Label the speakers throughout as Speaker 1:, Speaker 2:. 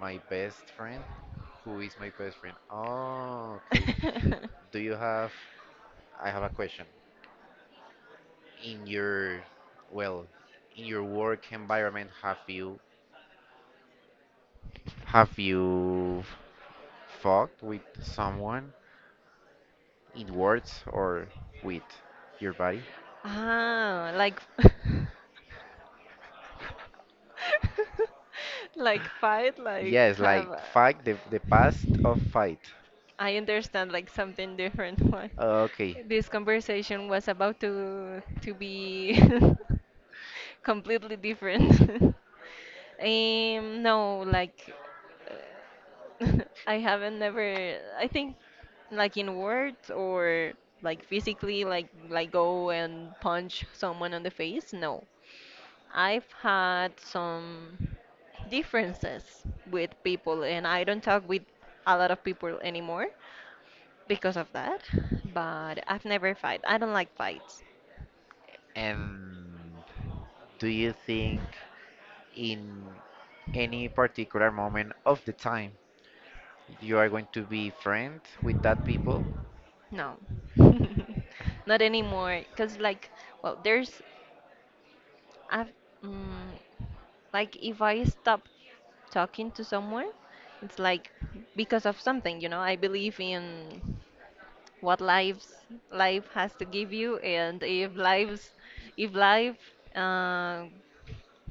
Speaker 1: My best friend? Who is my best friend? Oh, okay. Do you have, I have a question. In your, well, in your work environment, have you fought with someone in words or with your body?
Speaker 2: Ah, like like fight, like
Speaker 1: Yes,
Speaker 2: have
Speaker 1: like
Speaker 2: a,
Speaker 1: fight, the past of fight.
Speaker 2: I understand like something different. Why
Speaker 1: Okay.
Speaker 2: this conversation was about to be completely different. No, like I haven't never. I think like in words or like physically, like go and punch someone on the face. No, I've had some differences with people, and I don't talk with a lot of people anymore because of that. But I've never fight. I don't like fights.
Speaker 1: And do you think in any particular moment of the time you are going to be friends with that people,
Speaker 2: No, not anymore. Cause like, well, there's, I've, mm, like if I stop talking to someone, it's like because of something. I believe in what lives life has to give you, and if life uh,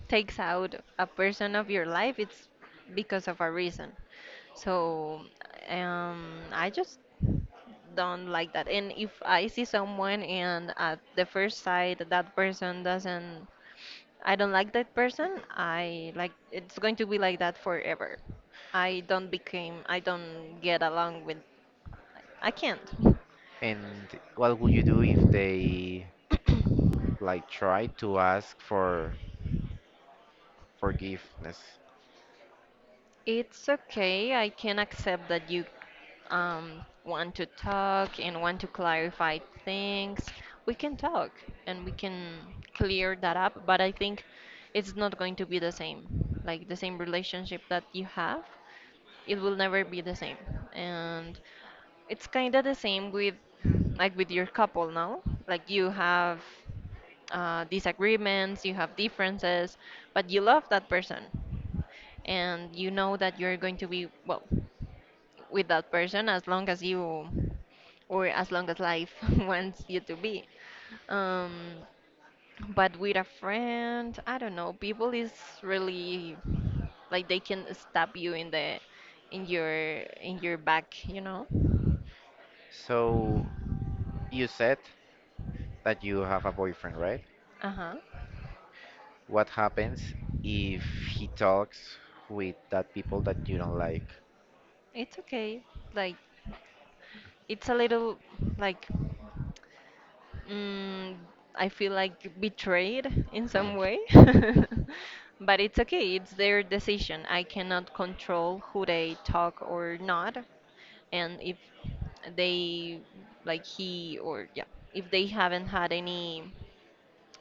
Speaker 2: takes out a person of your life, it's because of a reason. So um, I just don't like that. And if I see someone and at the first sight that person doesn't I don't like that person, I like it's going to be like that forever. I don't became, I don't get along with, I can't
Speaker 1: and what would you do if they like try to ask for forgiveness?
Speaker 2: It's okay. I can accept that you want to talk and want to clarify things. We can talk and we can clear that up, but I think it's not going to be the same. Like the same relationship that you have, it will never be the same. And it's kind of the same with like with your couple now. Like you have disagreements, you have differences, but you love that person and you know that you're going to be well with that person as long as life wants you to be um but with a friend, I don't know, people is really like they can stab you in your back.
Speaker 1: So you said that you have a boyfriend, right?
Speaker 2: Uh-huh.
Speaker 1: What happens if he talks with that people that you don't like?
Speaker 2: It's okay, like it's a little like Mm, I feel like betrayed in some way. But it's okay, it's their decision. I cannot control who they talk or not. And if they, like he or, yeah, if they haven't had any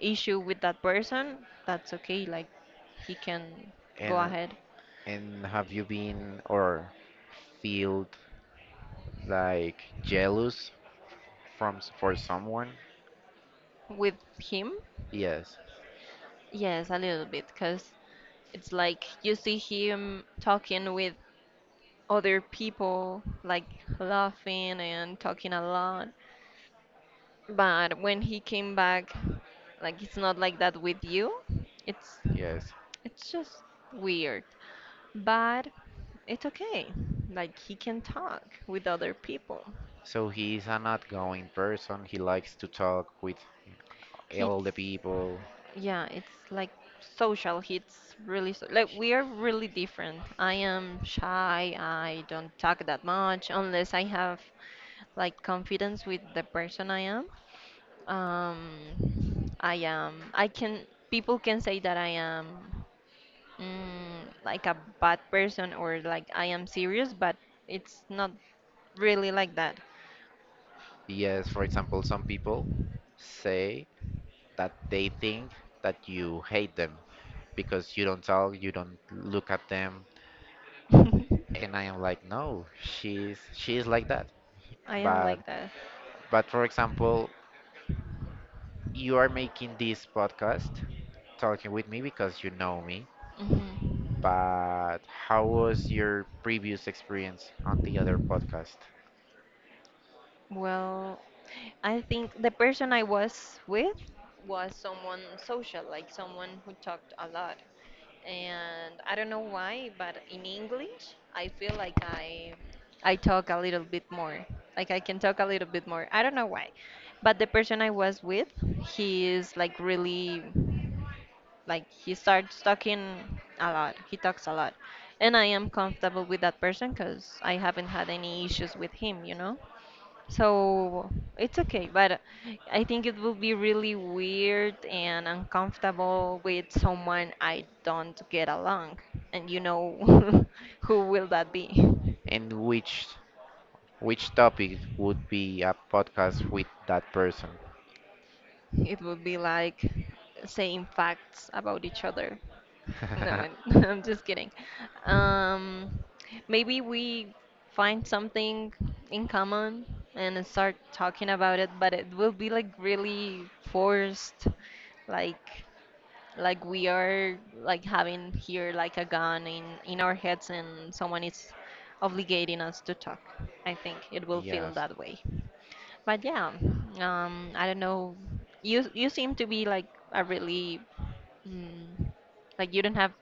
Speaker 2: issue with that person, that's okay. Like he can go
Speaker 1: and
Speaker 2: ahead
Speaker 1: and have you been or feel like jealous for someone?
Speaker 2: with him.
Speaker 1: Yes,
Speaker 2: Yes, a little bit, because it's like you see him talking with other people, like laughing and talking a lot. But when he came back, like it's not like that with you. It's
Speaker 1: yes.
Speaker 2: it's just weird. But it's okay, like he can talk with other people.
Speaker 1: So he's an outgoing person. He likes to talk with
Speaker 2: He's,
Speaker 1: all the people.
Speaker 2: yeah, it's like social. He's really so, like we are really different. I am shy. I don't talk that much unless I have like confidence with the person I am. I am. I can. People can say that I am like a bad person, or like I am serious, but it's not really like that.
Speaker 1: Yes, for example, some people say that they think that you hate them because you don't talk, you don't look at them.
Speaker 2: I
Speaker 1: And I am like, no, she's like that.
Speaker 2: am
Speaker 1: But
Speaker 2: like that.
Speaker 1: but for example, you are making this podcast talking with me because you know me.
Speaker 2: Mhm.
Speaker 1: But how was your previous experience on the other podcast?
Speaker 2: Well, I think the person I was with was someone social, like someone who talked a lot. And I don't know why, but in English, I feel like I talk a little bit more. Like I can talk a little bit more. I don't know why. But the person I was with, he is like really, like he starts talking a lot. He talks a lot. And I am comfortable with that person because I haven't had any issues with him, you know? So it's okay, but I think it will be really weird and uncomfortable with someone I don't get along. And you know who will that be?
Speaker 1: And which which topic would be a podcast with that person?
Speaker 2: It would be like saying facts about each other. No, I'm I'm just kidding. Um, Maybe we find something in common and start talking about it, but it will be like really forced, like like we are like having here like a gun in our heads, and someone is obligating us to talk. I think it will feel
Speaker 1: Yes.
Speaker 2: that way. But yeah, I don't know, you seem to be like a really mm, like you don't have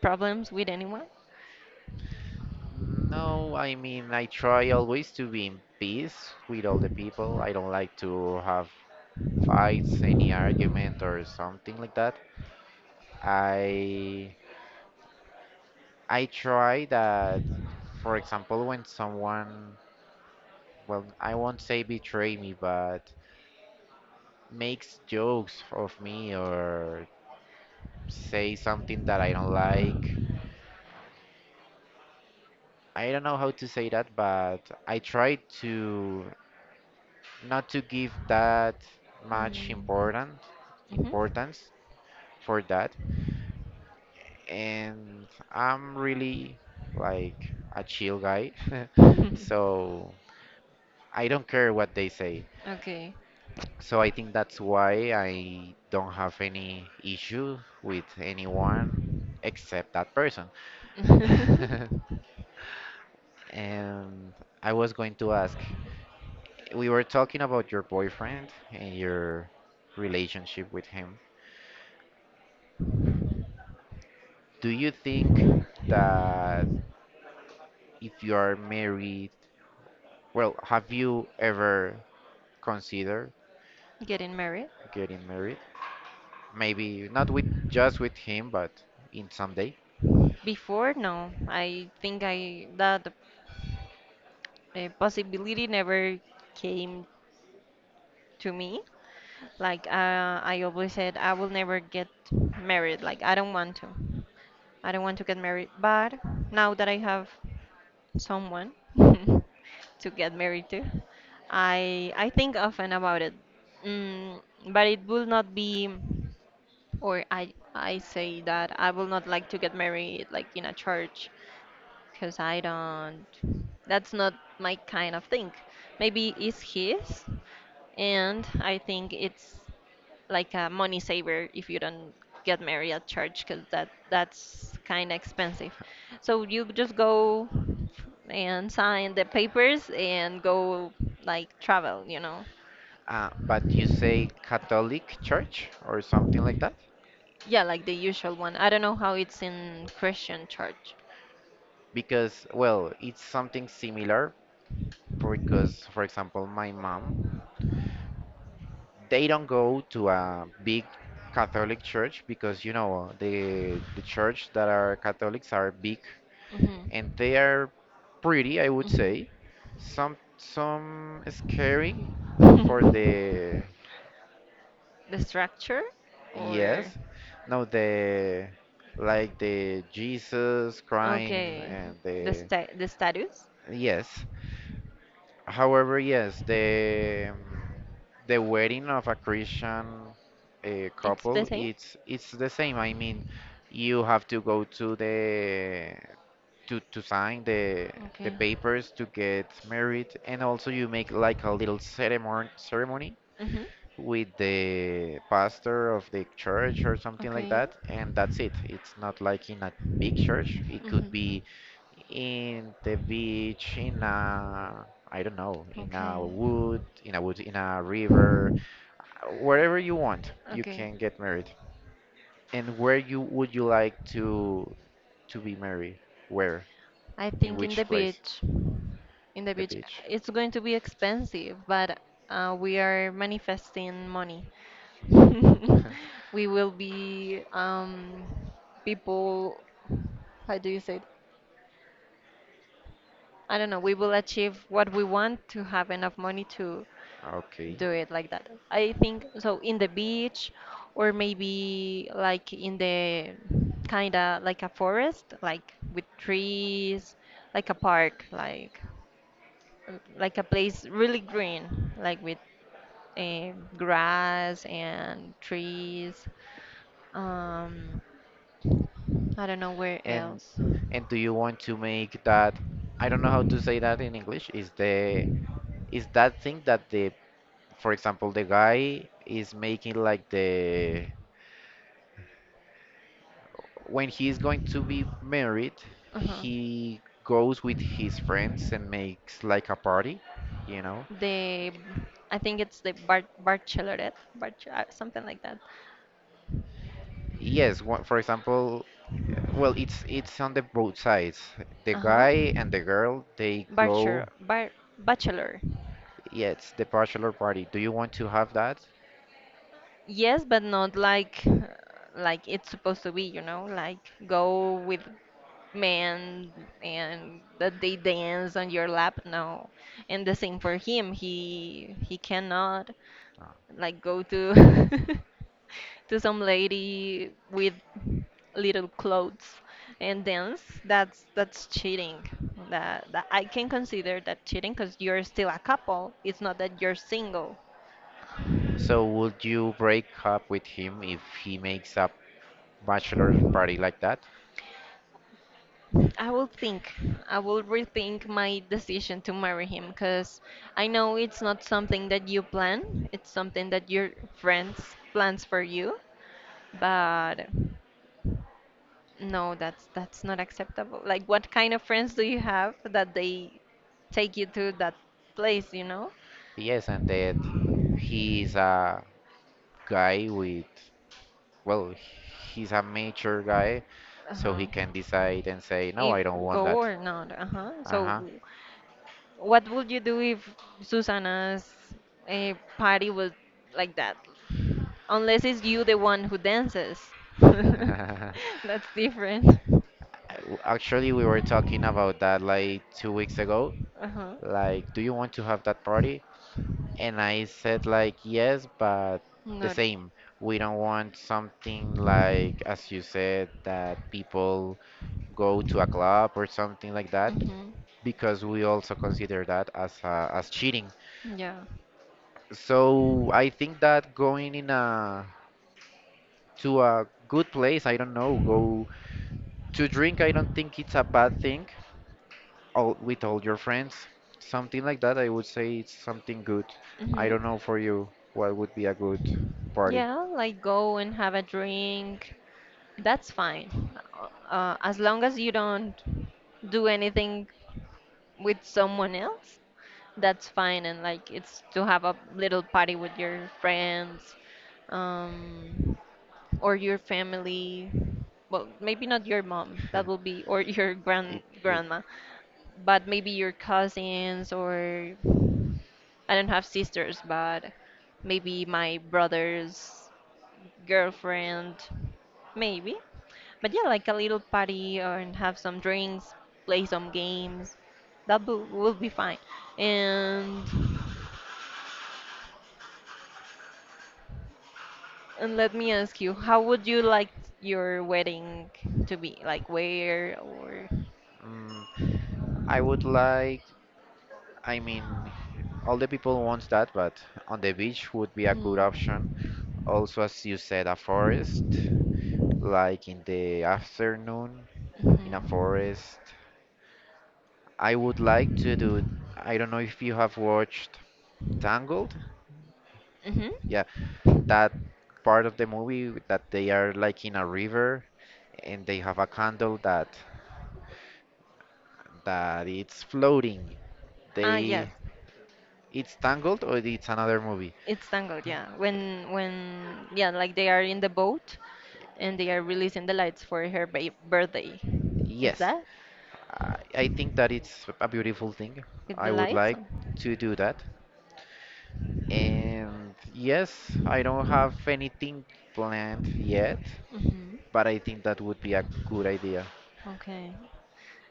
Speaker 2: problems with anyone.
Speaker 1: No, I mean, I try always to be in peace with all the people. I don't like to have fights, any argument or something like that. I I try that, for example, when someone, well, I won't say betray me, but makes jokes of me or say something that I don't like, I don't know how to say that, but I try to not to give that much
Speaker 2: Mm.
Speaker 1: important
Speaker 2: Mhm.
Speaker 1: importance for that. And I'm really like a chill guy, so I don't care what they say.
Speaker 2: Okay.
Speaker 1: So I think that's why I don't have any issue with anyone except that person. And I was going to ask, we were talking about your boyfriend and your relationship with him. Do you think that if you are married, well, have you ever considered
Speaker 2: Getting married
Speaker 1: getting married? Maybe not with just with him, but in some day.
Speaker 2: before? No, I think I that possibility never came to me. Like I always said, I will never get married. Like I don't want to. I don't want to get married. But now that I have someone to get married to, I think often about it. Mm, but it will not be, or I say that I will not like to get married like in a church because I don't. That's not my kind of thing. Maybe it's his, and I think it's like a money saver if you don't get married at church, because that's kind of expensive. So you just go and sign the papers and go like travel.
Speaker 1: But you say Catholic Church or something like that?
Speaker 2: Yeah, like the usual one. I don't know how it's in Christian church.
Speaker 1: Because, well, it's something similar because, for example, my mom, they don't go to a big Catholic church, because you know the church that are Catholics are big and
Speaker 2: Hmm.
Speaker 1: they are pretty, I would say. Some scary
Speaker 2: Hmm.
Speaker 1: for the,
Speaker 2: The structure, or
Speaker 1: yes, no, the like the Jesus crying
Speaker 2: okay,
Speaker 1: and
Speaker 2: the
Speaker 1: the,
Speaker 2: sta the status?
Speaker 1: yes. However, yes, the wedding of a Christian
Speaker 2: It's the
Speaker 1: couple,
Speaker 2: same?
Speaker 1: it's the same. I mean, you have to go to sign the
Speaker 2: Okay.
Speaker 1: papers to get married, and also you make like a little ceremony
Speaker 2: Mhm.
Speaker 1: with the pastor of the church or something like
Speaker 2: Okay.
Speaker 1: that, and that's it. It's not like in a big church. It could
Speaker 2: Mhm.
Speaker 1: be in the beach, in a, I don't know, in a
Speaker 2: Okay.
Speaker 1: wood, in a river, wherever you want, you
Speaker 2: Okay.
Speaker 1: can get married. And where you would you like to be married? Where?
Speaker 2: I
Speaker 1: In
Speaker 2: think in the
Speaker 1: which place?
Speaker 2: beach, in the
Speaker 1: The
Speaker 2: beach,
Speaker 1: beach.
Speaker 2: it's going to be expensive, but we are manifesting money. We will be people, how do you say it? I don't know, we will achieve what we want to have enough money to
Speaker 1: Okay.
Speaker 2: do it like that. I think so, in the beach or maybe like in the kind of like a forest, like with trees, like a park, like a place really green, like with grass and trees. Um, I don't know where
Speaker 1: And
Speaker 2: else.
Speaker 1: and do you want to make that? I don't know how to say that in English. Is the is that thing that the, for example, the guy is making like the, when he is going to be married,
Speaker 2: Uh-huh.
Speaker 1: he goes with his friends and makes like a party, you know?
Speaker 2: The, I think it's the bar Bachelorette, something like that.
Speaker 1: Yes, one, for example, well, it's on the both sides. The
Speaker 2: Uh-huh.
Speaker 1: guy and the girl, they
Speaker 2: Bachelor,
Speaker 1: go,
Speaker 2: bar, bachelor.
Speaker 1: yeah, it's the bachelor party. Do you want to have that?
Speaker 2: Yes, but not like it's supposed to be, you know, like go with men and that they dance on your lap. No. And the same for him. He cannot
Speaker 1: No.
Speaker 2: like go to to some lady with little clothes and dance. That's cheating. That I can consider that cheating, because you're still a couple, it's not that you're single.
Speaker 1: So would you break up with him if he makes a bachelor party like that?
Speaker 2: I will think i will rethink my decision to marry him, because I know it's not something that you plan, it's something that your friends plans for you. But no, that's not acceptable. Like, what kind of friends do you have that they take you to that place, you know?
Speaker 1: Yes, and that he's a guy with, well, he's a mature guy, so he
Speaker 2: Uh-huh.
Speaker 1: can decide and say, no,
Speaker 2: If
Speaker 1: I don't want
Speaker 2: go
Speaker 1: that.
Speaker 2: or not, uh-huh. So,
Speaker 1: Uh-huh.
Speaker 2: what would you do if Susanna's a party was like that? Unless it's you the one who dances. That's different.
Speaker 1: Actually, we were talking about that like 2 weeks ago,
Speaker 2: Uh-huh.
Speaker 1: like do you want to have that party? And I said like yes, but the
Speaker 2: Not.
Speaker 1: same, we don't want something like, as you said, that people go to a club or something like that,
Speaker 2: Mm-hmm.
Speaker 1: because we also consider that as cheating.
Speaker 2: Yeah.
Speaker 1: So I think that going in a to a good place, I don't know, go to drink, I don't think it's a bad thing, all with all your friends. Something like that, I would say it's something good. I
Speaker 2: Mm-hmm.
Speaker 1: don't know for you what would be a good party.
Speaker 2: Yeah, like go and have a drink, that's fine. As long as you don't do anything with someone else, that's fine. And like it's to have a little party with your friends, um, or your family. Well, maybe not your mom. That will be, or your
Speaker 1: It,
Speaker 2: grand grandma, but maybe your cousins. Or I don't have sisters, but maybe my brother's girlfriend. Maybe. But yeah, like a little party, or and have some drinks, play some games. That will be fine. And and let me ask you, how would you like your wedding to be? Like where, or
Speaker 1: mm, I would like, I mean, all the people want that, but on the beach would be a good
Speaker 2: hmm.
Speaker 1: option. Also, as you said, a forest, like in the afternoon in a
Speaker 2: Mhm.
Speaker 1: forest. I would like to do, I don't know if you have watched Tangled.
Speaker 2: Mhm.
Speaker 1: Yeah, that part of the movie that they are like in a river and they have a candle that it's floating.
Speaker 2: Ah, yes.
Speaker 1: They it's Tangled or it's another movie.
Speaker 2: It's Tangled, yeah. When yeah, like they are in the boat and they are releasing the lights for her ba birthday. Is
Speaker 1: Yes,
Speaker 2: that?
Speaker 1: I think that it's a beautiful thing.
Speaker 2: With the
Speaker 1: I would
Speaker 2: lights?
Speaker 1: like to do that. And yes, I don't have anything planned yet,
Speaker 2: Mhm.
Speaker 1: but I think that would be a good idea.
Speaker 2: Okay.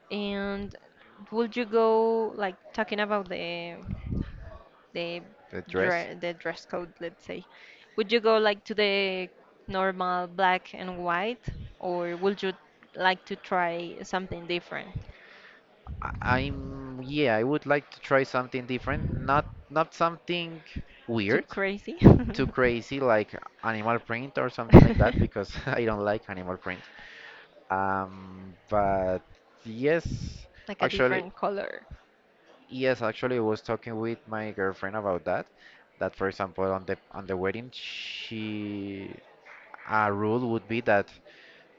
Speaker 2: And would you go like talking about the
Speaker 1: The dress.
Speaker 2: the dress code, let's say, would you go like to the normal black and white, or would you like to try something different?
Speaker 1: I- I'm yeah, I would like to try something different, not something
Speaker 2: Too
Speaker 1: weird,
Speaker 2: crazy?
Speaker 1: too crazy like animal print or something like that, because I don't like animal print. But yes,
Speaker 2: Like a
Speaker 1: actually,
Speaker 2: different color.
Speaker 1: yes, actually, I was talking with my girlfriend about that. That for example, on the wedding, she a rule would be that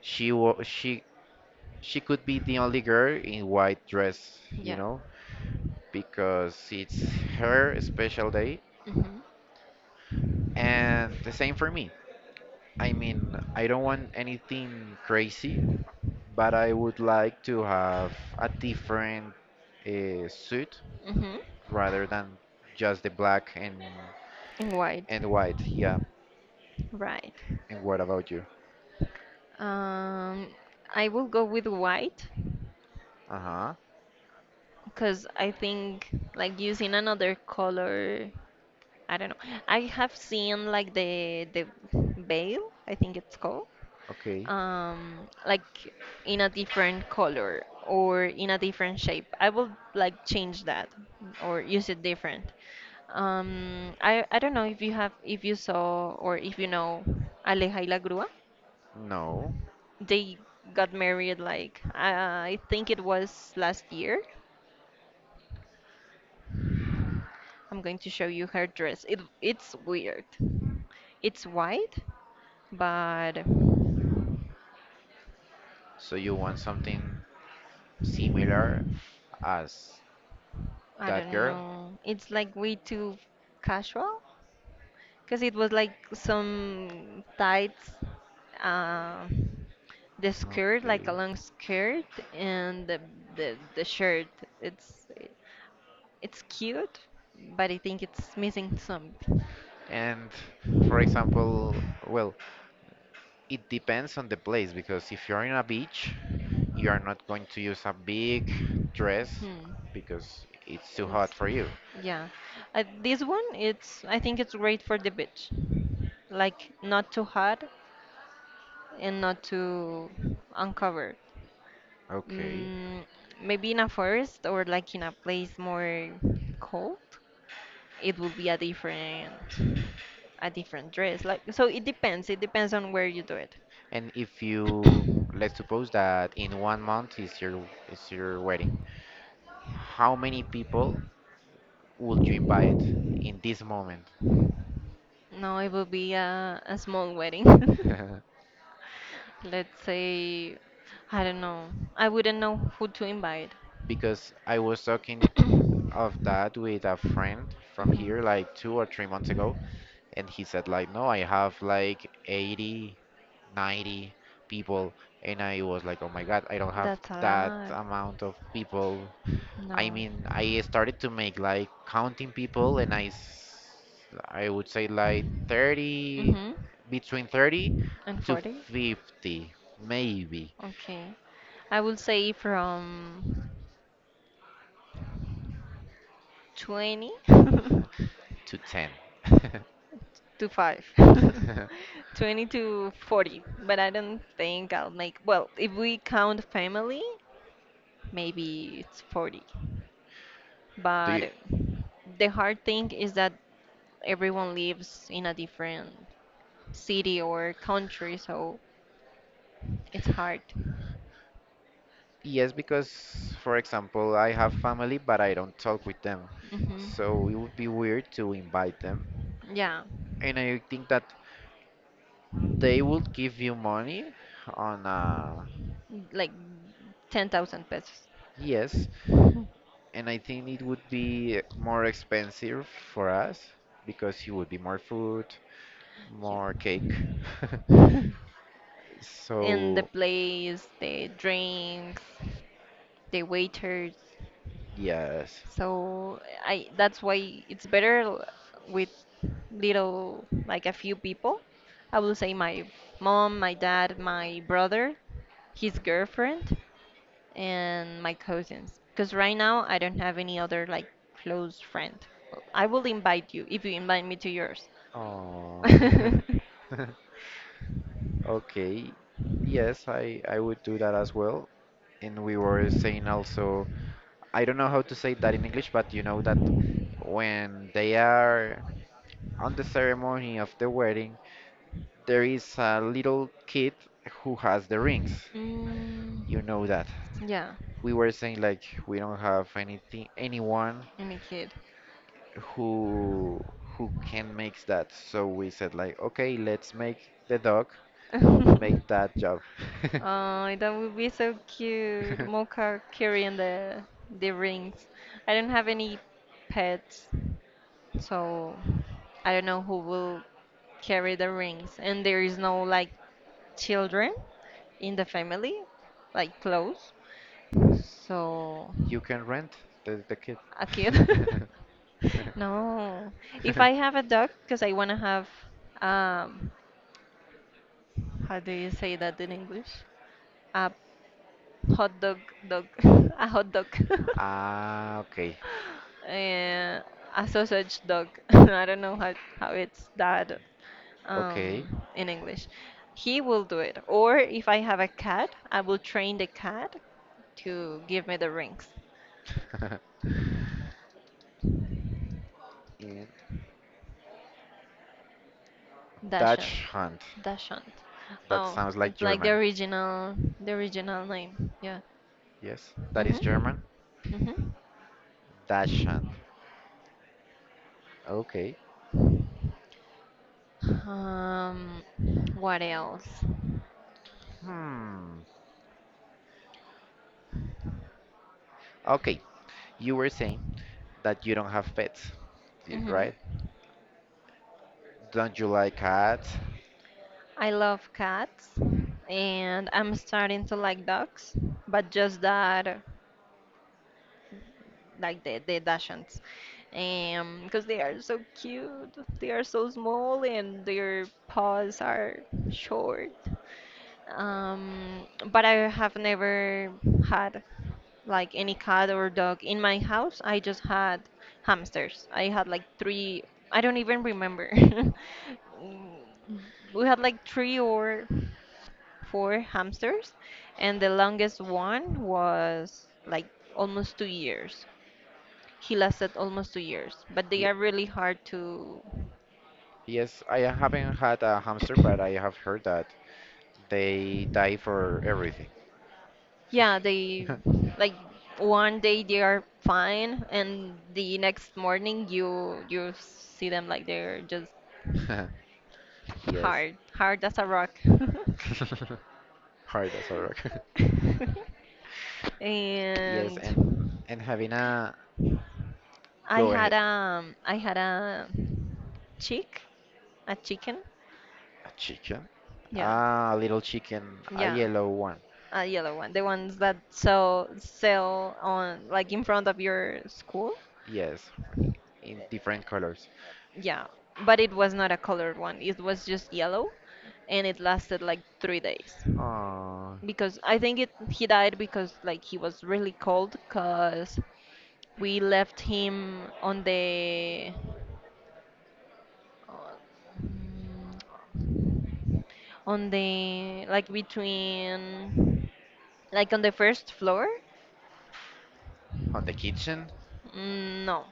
Speaker 1: she wa she could be the only girl in white dress, you
Speaker 2: Yeah.
Speaker 1: know, because it's her special day.
Speaker 2: Mhm.
Speaker 1: And the same for me. I mean, I don't want anything crazy, but I would like to have a different suit
Speaker 2: Mhm.
Speaker 1: rather than just the black and
Speaker 2: And white.
Speaker 1: and white. Yeah.
Speaker 2: Right.
Speaker 1: And what about you?
Speaker 2: Um, I will go with white.
Speaker 1: Uh-huh.
Speaker 2: Because I think like using another color, I don't know. I have seen like the veil, I think it's called,
Speaker 1: Okay.
Speaker 2: like in a different color, or in a different shape. I will like change that or use it different. I don't know if you saw, or if you know Aleja y la Grúa.
Speaker 1: No.
Speaker 2: They got married, like I think it was last year. I'm going to show you her dress. It's weird. It's white, but
Speaker 1: So you want something similar as
Speaker 2: I
Speaker 1: that
Speaker 2: don't
Speaker 1: girl?
Speaker 2: know. It's like way too casual, because it was like some tights, uh, the skirt
Speaker 1: Okay.
Speaker 2: like a long skirt, and the shirt. It's it's cute, but I think it's missing something.
Speaker 1: And for example, well, it depends on the place, because if you're in a beach, you are not going to use a big dress
Speaker 2: Hmm.
Speaker 1: because it's too hot
Speaker 2: It's,
Speaker 1: for you.
Speaker 2: yeah. This one, it's, I think it's great for the beach. Like not too hot and not too uncovered.
Speaker 1: Okay.
Speaker 2: Mm, Maybe in a forest, or like in a place more cold, it would be a different dress. Like so it depends. It depends on where you do
Speaker 1: And if
Speaker 2: it.
Speaker 1: you, let's suppose that in 1 month is your wedding, how many people would you invite in this moment?
Speaker 2: No, it will be a small wedding. Let's say, I don't know. I wouldn't know who to invite.
Speaker 1: Because I was talking of that with a friend from
Speaker 2: Mhm.
Speaker 1: here like 2 or 3 months ago, and he said like no, I have like 80, 90 people, and I was like oh my god, I don't have
Speaker 2: That's a
Speaker 1: that
Speaker 2: lot.
Speaker 1: amount of people. I
Speaker 2: No.
Speaker 1: mean, I started to make like counting people, and I would say like 30,
Speaker 2: Mm-hmm.
Speaker 1: between 30
Speaker 2: And
Speaker 1: to
Speaker 2: 40?
Speaker 1: 50, maybe
Speaker 2: Okay. I will say from 20
Speaker 1: to 10.
Speaker 2: to 5. 20 to 40. But I don't think I'll make, well, if we count family, maybe it's 40.
Speaker 1: Do you?
Speaker 2: But the hard thing is that everyone lives in a different city or country, so it's hard.
Speaker 1: Yes, because, for example, I have family, but I don't talk with them. So it
Speaker 2: hmm
Speaker 1: would be weird to invite them.
Speaker 2: Yeah,
Speaker 1: And I think that they would give you money on, uh,
Speaker 2: like 10,000 pesos.
Speaker 1: yes, and I think it would be more expensive for us because it would be more food,
Speaker 2: Yeah.
Speaker 1: more cake.
Speaker 2: And the
Speaker 1: So,
Speaker 2: place, the drinks, the waiters.
Speaker 1: yes.
Speaker 2: So I that's why it's better with little, like a few people. I will say my mom, my dad, my brother, his girlfriend, and my cousins, because right now I don't have any other like close friend. I will invite you if you invite me to yours.
Speaker 1: Oh. Okay. Yes, I would do that as well. And we were saying also, I don't know how to say that in English, but you know that when they are on the ceremony of the wedding, there is a little kid who has the rings.
Speaker 2: mm,
Speaker 1: You know that.
Speaker 2: yeah,
Speaker 1: We were saying like we don't have anything anyone
Speaker 2: I'm a kid.
Speaker 1: who can make that. So we said like okay, let's make the dog make that job.
Speaker 2: Oh, that would be so cute. Mocha carrying the rings. I don't have any pets, so I don't know who will carry the rings. And there is no like children in the family, like close. So
Speaker 1: You can rent the kid.
Speaker 2: a kid. No. If I have a dog, because I want to have um how do you say that in English? A hot dog dog. A hot dog.
Speaker 1: Ah, okay.
Speaker 2: Uh, a sausage dog. I don't know how it's that
Speaker 1: Okay.
Speaker 2: in English. He will do it. Or if I have a cat, I will train the cat to give me the rings.
Speaker 1: And
Speaker 2: Dashant.
Speaker 1: Dutch Hand.
Speaker 2: Dashant.
Speaker 1: That
Speaker 2: Oh,
Speaker 1: sounds like
Speaker 2: it's like
Speaker 1: German.
Speaker 2: the original name. Yeah.
Speaker 1: Yes, that is German.
Speaker 2: Mhm. Mhm.
Speaker 1: Dutch Hand. Okay.
Speaker 2: Um, what else?
Speaker 1: Hmm. Okay. You were saying that you don't have pets,
Speaker 2: Mhm.
Speaker 1: right? Don't you like cats?
Speaker 2: I love cats and I'm starting to like dogs, but just that, like the Dachshunds. Because they are so cute. They are so small and their paws are short. Um, but I have never had like any cat or dog in my house. I just had hamsters. I had like three, I don't even remember. Mm, We had like three or four hamsters, and the longest one was like almost 2 years. He lasted almost 2 years, but they
Speaker 1: Ye-
Speaker 2: are really hard to.
Speaker 1: yes, I haven't had a hamster, but I have heard that they die for everything.
Speaker 2: Yeah, they like one day they are fine, and the next morning you see them like they're just
Speaker 1: Yes.
Speaker 2: hard, hard as a rock.
Speaker 1: Hard as a rock. Yes,
Speaker 2: and
Speaker 1: and having a, go ahead,
Speaker 2: I had a chick, a chicken.
Speaker 1: a chicken,
Speaker 2: Yeah.
Speaker 1: ah, a little chicken, a
Speaker 2: Yeah,
Speaker 1: yellow,
Speaker 2: a yellow one, the ones that sell on, like in front of your school.
Speaker 1: yes, in different colors.
Speaker 2: Yeah, but it was not a colored one. It was just yellow, and it lasted like 3 days
Speaker 1: Uh,
Speaker 2: because I think it he died because like he was really cold because we left him uh, on the like between, like on the first floor.
Speaker 1: on the kitchen,
Speaker 2: No,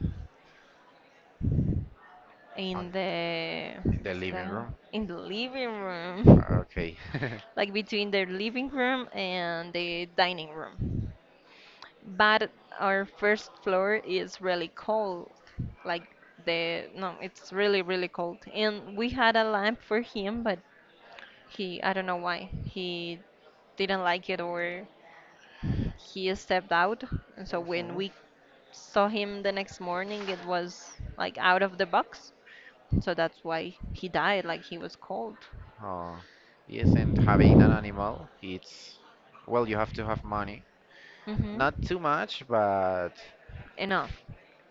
Speaker 2: in
Speaker 1: on
Speaker 2: the
Speaker 1: in the living room.
Speaker 2: what's in the living room,
Speaker 1: Okay.
Speaker 2: like between the living room and the dining room. But our first floor is really cold, like the no, it's really cold. And we had a lamp for him, but he I don't know why he didn't like it, or he stepped out. And so when
Speaker 1: Mhm.
Speaker 2: we saw him the next morning, it was like out of the box. So that's why he died, like he was cold.
Speaker 1: Oh, yes, and having an animal, it's, well, you have to have money.
Speaker 2: Mm-hmm.
Speaker 1: Not too much, but
Speaker 2: Enough.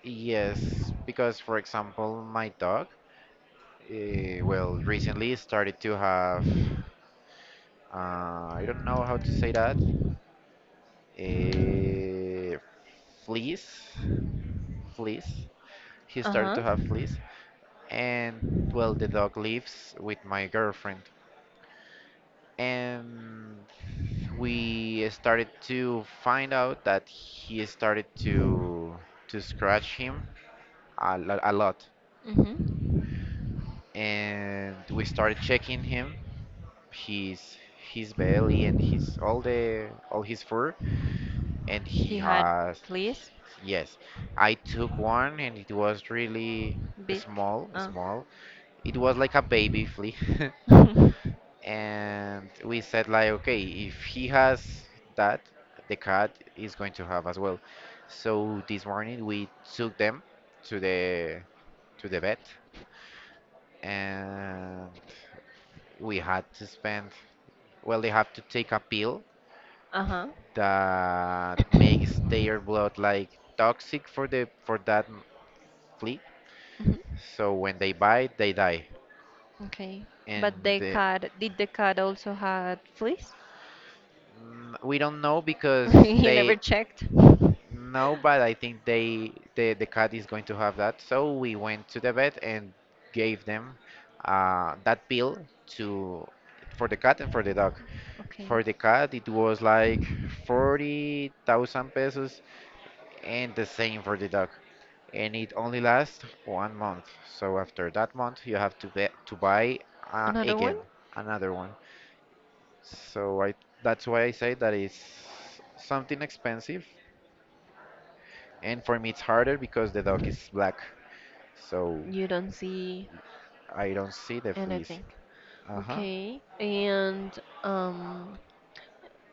Speaker 1: yes, because for example, my dog, eh, well, recently started to have, I don't know how to say that, eh, fleas, fleas. He started
Speaker 2: Uh-huh.
Speaker 1: to have fleas, and well, the dog lives with my girlfriend. And we started to find out that he started to scratch him a, a lot,
Speaker 2: Mm-hmm.
Speaker 1: and we started checking him, his his belly and his all the all his fur, and he
Speaker 2: He had
Speaker 1: has,
Speaker 2: fleas,
Speaker 1: yes, I took one and it was really
Speaker 2: big. Uh.
Speaker 1: small. It was like a baby flea. And we said like, okay, if he has that, the cat is going to have as well. So this morning we took them to the vet and we had to spend, well, they have to take a pill
Speaker 2: Uh-huh.
Speaker 1: that makes
Speaker 2: Mhm.
Speaker 1: their blood like toxic for the for that flea, so when they bite, they die.
Speaker 2: Okay.
Speaker 1: And
Speaker 2: But the
Speaker 1: the,
Speaker 2: cat, did the cat also had fleas?
Speaker 1: we don't know because
Speaker 2: You
Speaker 1: they...
Speaker 2: never checked?
Speaker 1: No, but I think they the cat is going to have that. So we went to the vet and gave them that pill to, for the cat and for the dog.
Speaker 2: Okay.
Speaker 1: For the cat, it was like 40,000 pesos and the same for the dog. And it only lasts 1 month. So after that month, you have to be, to buy
Speaker 2: Another one?
Speaker 1: again another one. So I that's why I say that is something expensive. And for me, it's harder because the dog is black, so
Speaker 2: You don't see
Speaker 1: I don't see the fleas.
Speaker 2: anything.
Speaker 1: Uh huh.
Speaker 2: Okay. Um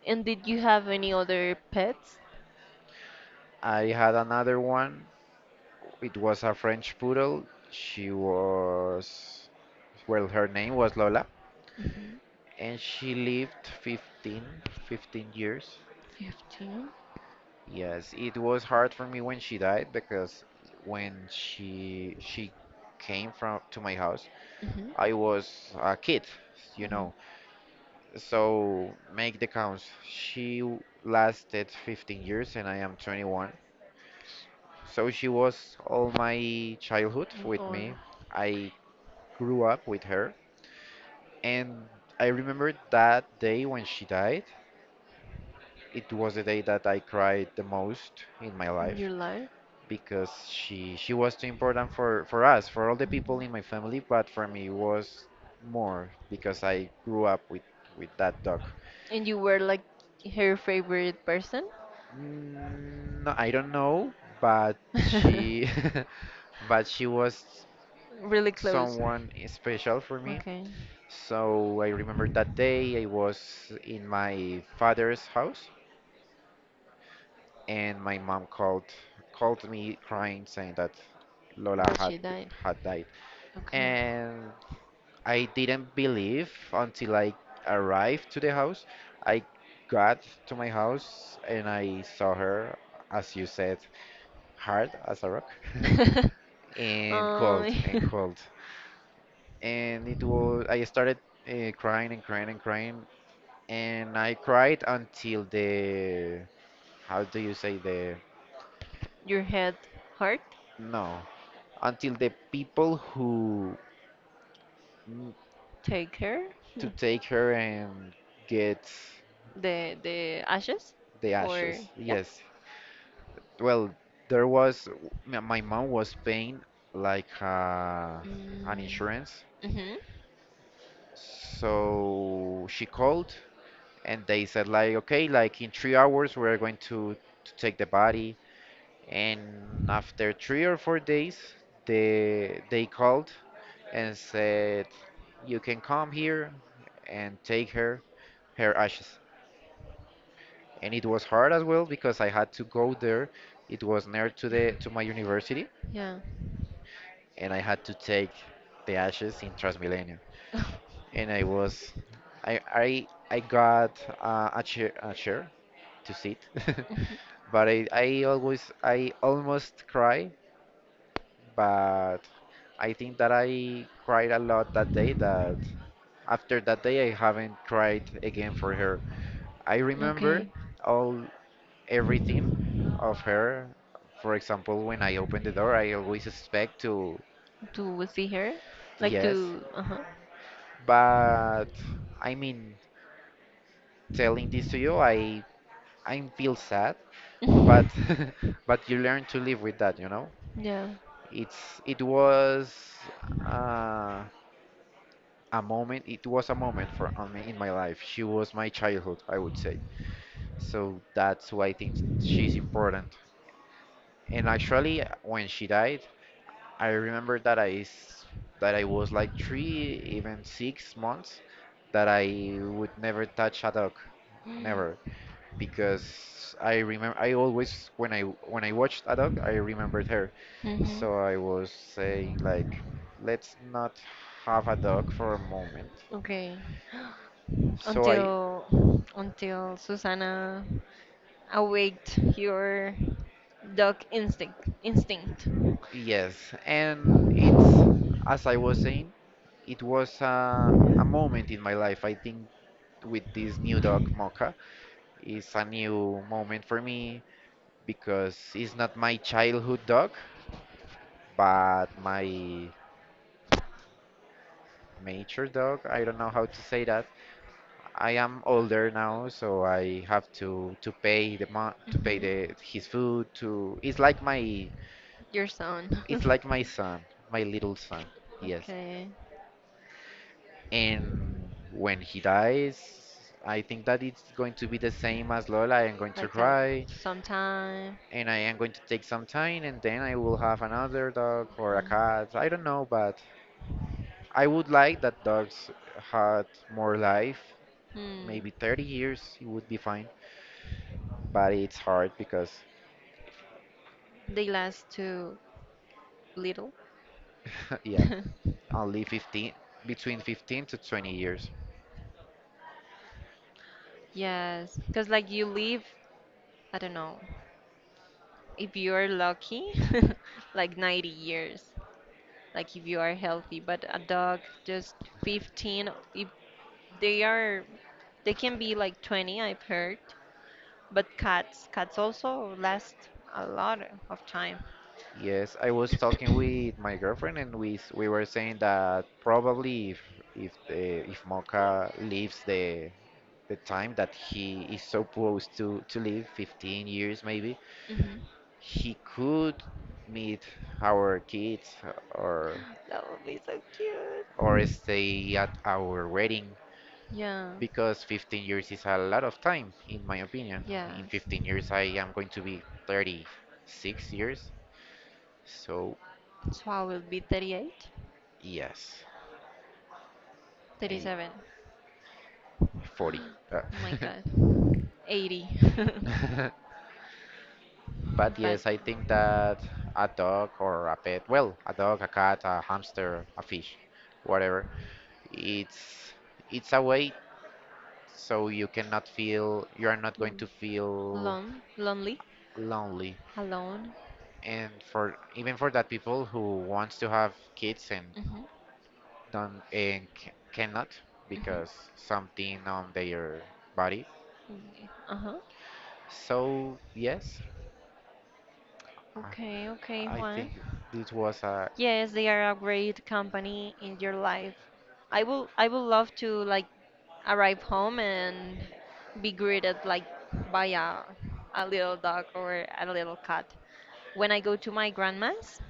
Speaker 2: And did you have any other pets?
Speaker 1: I had another one. It was a French poodle. She was, well, her name was Lola,
Speaker 2: hmm
Speaker 1: and she lived 15, 15 years.
Speaker 2: 15.
Speaker 1: Yes, it was hard for me when she died, because when she came from to my house,
Speaker 2: hmm
Speaker 1: I was a kid, you
Speaker 2: hmm
Speaker 1: know. So make the counts. She lasted 15 years and I am 21. So she was all my childhood with
Speaker 2: Or
Speaker 1: me. I grew up with her. And I remember that day when she died. It was the day that I cried the most in my
Speaker 2: in your
Speaker 1: life,
Speaker 2: life?
Speaker 1: because she was too important for us, for all the people in
Speaker 2: hmm
Speaker 1: my family, but for me it was more because I grew up with that dog.
Speaker 2: And you were like her favorite person?
Speaker 1: No, I don't know, but she, but she was
Speaker 2: Really close.
Speaker 1: someone special for me.
Speaker 2: Okay.
Speaker 1: So I remember that day I was in my father's house, and my mom called me crying, saying that Lola
Speaker 2: But she died.
Speaker 1: had died, and I didn't believe until I arrived to the house. I got to my house and I saw her, as you said, hard as a rock.
Speaker 2: Okay.
Speaker 1: And
Speaker 2: Um,
Speaker 1: cold and it was, I started crying and crying and crying. And I cried until the, how do you say, the...
Speaker 2: your head hurt?
Speaker 1: No, until the people who, mm,
Speaker 2: Take her?
Speaker 1: to take her and get
Speaker 2: The ashes?
Speaker 1: the
Speaker 2: Or
Speaker 1: ashes.
Speaker 2: yeah?
Speaker 1: Yes, well there was, my mom was paying like an insurance,
Speaker 2: Mm-hmm.
Speaker 1: so she called and they said like, okay, like in 3 hours we're going to take the body. And after 3 or 4 days, they called and said you can come here and take her ashes. And it was hard as well, because I had to go there. It was near to the to my university,
Speaker 2: Yeah.
Speaker 1: and I had to take the ashes in Transmilenio. And I was, I got a chair, a chair, to sit. But I always I almost cry, but I think that I cried a lot that day, that after that day I haven't cried again for her. I remember
Speaker 2: Okay.
Speaker 1: all everything of her. For example, when I open the door, I always expect to...
Speaker 2: To see her? Like
Speaker 1: Yes,
Speaker 2: to. Uh
Speaker 1: but I mean, telling this to you, I feel sad,
Speaker 2: huh.
Speaker 1: but but you learn to live with that, you know?
Speaker 2: yeah.
Speaker 1: It's, it was uh, a moment. It was a moment for, on me in my life. She was my childhood, I would say. So that's why I think she's important. And actually, when she died, I remember that I that I was like three, even 6 months, that I would never touch a dog, never, because I remember I always, when I watched a dog, I remembered her.
Speaker 2: Mm-hmm.
Speaker 1: So I was saying like, let's not have a dog for a moment.
Speaker 2: Okay.
Speaker 1: So I...
Speaker 2: Until until Susana awaked your dog instinct.
Speaker 1: yes, and it's, as I was saying, it was a moment in my life. I think with this new dog Mocha is a new moment for me, because it's not my childhood dog, but my mature dog. I don't know how to say that, I am older now, so I have to pay the mo to pay
Speaker 2: Mm-hmm.
Speaker 1: the his food to... it's like my,
Speaker 2: Your son.
Speaker 1: it's like my son, my little son. Yes.
Speaker 2: okay.
Speaker 1: And when he dies, I think that it's going to be the same as Lola. I am going to
Speaker 2: Like a
Speaker 1: cry
Speaker 2: sometime.
Speaker 1: and I am going to take some time and then I will have another dog or a
Speaker 2: Okay.
Speaker 1: cat. I don't know, but I would like that dogs had more life.
Speaker 2: Hmm.
Speaker 1: Maybe 30 years, it would be fine. But it's hard because,
Speaker 2: They last too little.
Speaker 1: yeah. Only 15, between 15 to 20 years.
Speaker 2: Yes, because like you live, I don't know, if you are lucky, like 90 years, like if you are healthy, but a dog just 15, if they are, they can be like 20, I've heard, but cats, cats also last a lot of time.
Speaker 1: Yes, I was talking with my girlfriend, and we we were saying that probably if if Mocha lives the time that he is supposed to live, 15 years maybe,
Speaker 2: hmm
Speaker 1: he could meet our kids or
Speaker 2: That would be so cute.
Speaker 1: stay at our wedding,
Speaker 2: Yeah,
Speaker 1: because 15 years is a lot of time in my opinion. In
Speaker 2: yes.
Speaker 1: 15 years, I am going to be 36 years. So
Speaker 2: So I will be 38,
Speaker 1: yes, a
Speaker 2: 37.
Speaker 1: 40. Uh,
Speaker 2: Oh my God, 80.
Speaker 1: But
Speaker 2: But
Speaker 1: yes, I think
Speaker 2: yeah.
Speaker 1: that a dog or a pet, well, a dog, a cat, a hamster, a fish, whatever, it's it's a way so you cannot feel, you are not going
Speaker 2: Mm.
Speaker 1: to feel
Speaker 2: Lonely,
Speaker 1: lonely.
Speaker 2: alone.
Speaker 1: And for, even for that people who wants to have kids and
Speaker 2: Mhm,
Speaker 1: don't and c cannot
Speaker 2: mhm.
Speaker 1: because something on their body.
Speaker 2: Yeah. Uh-huh.
Speaker 1: So yes,
Speaker 2: Okay, okay,
Speaker 1: I
Speaker 2: Juan.
Speaker 1: think this was a
Speaker 2: Yes, they are a great company in your life. I would love to like arrive home and be greeted like by a little dog or a little cat. When I go to my grandma's,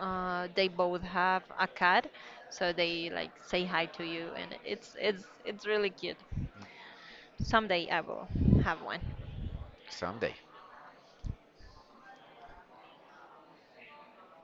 Speaker 2: they both have a cat, so they like say hi to you, and it's it's really cute. Someday I will have one.
Speaker 1: Sunday.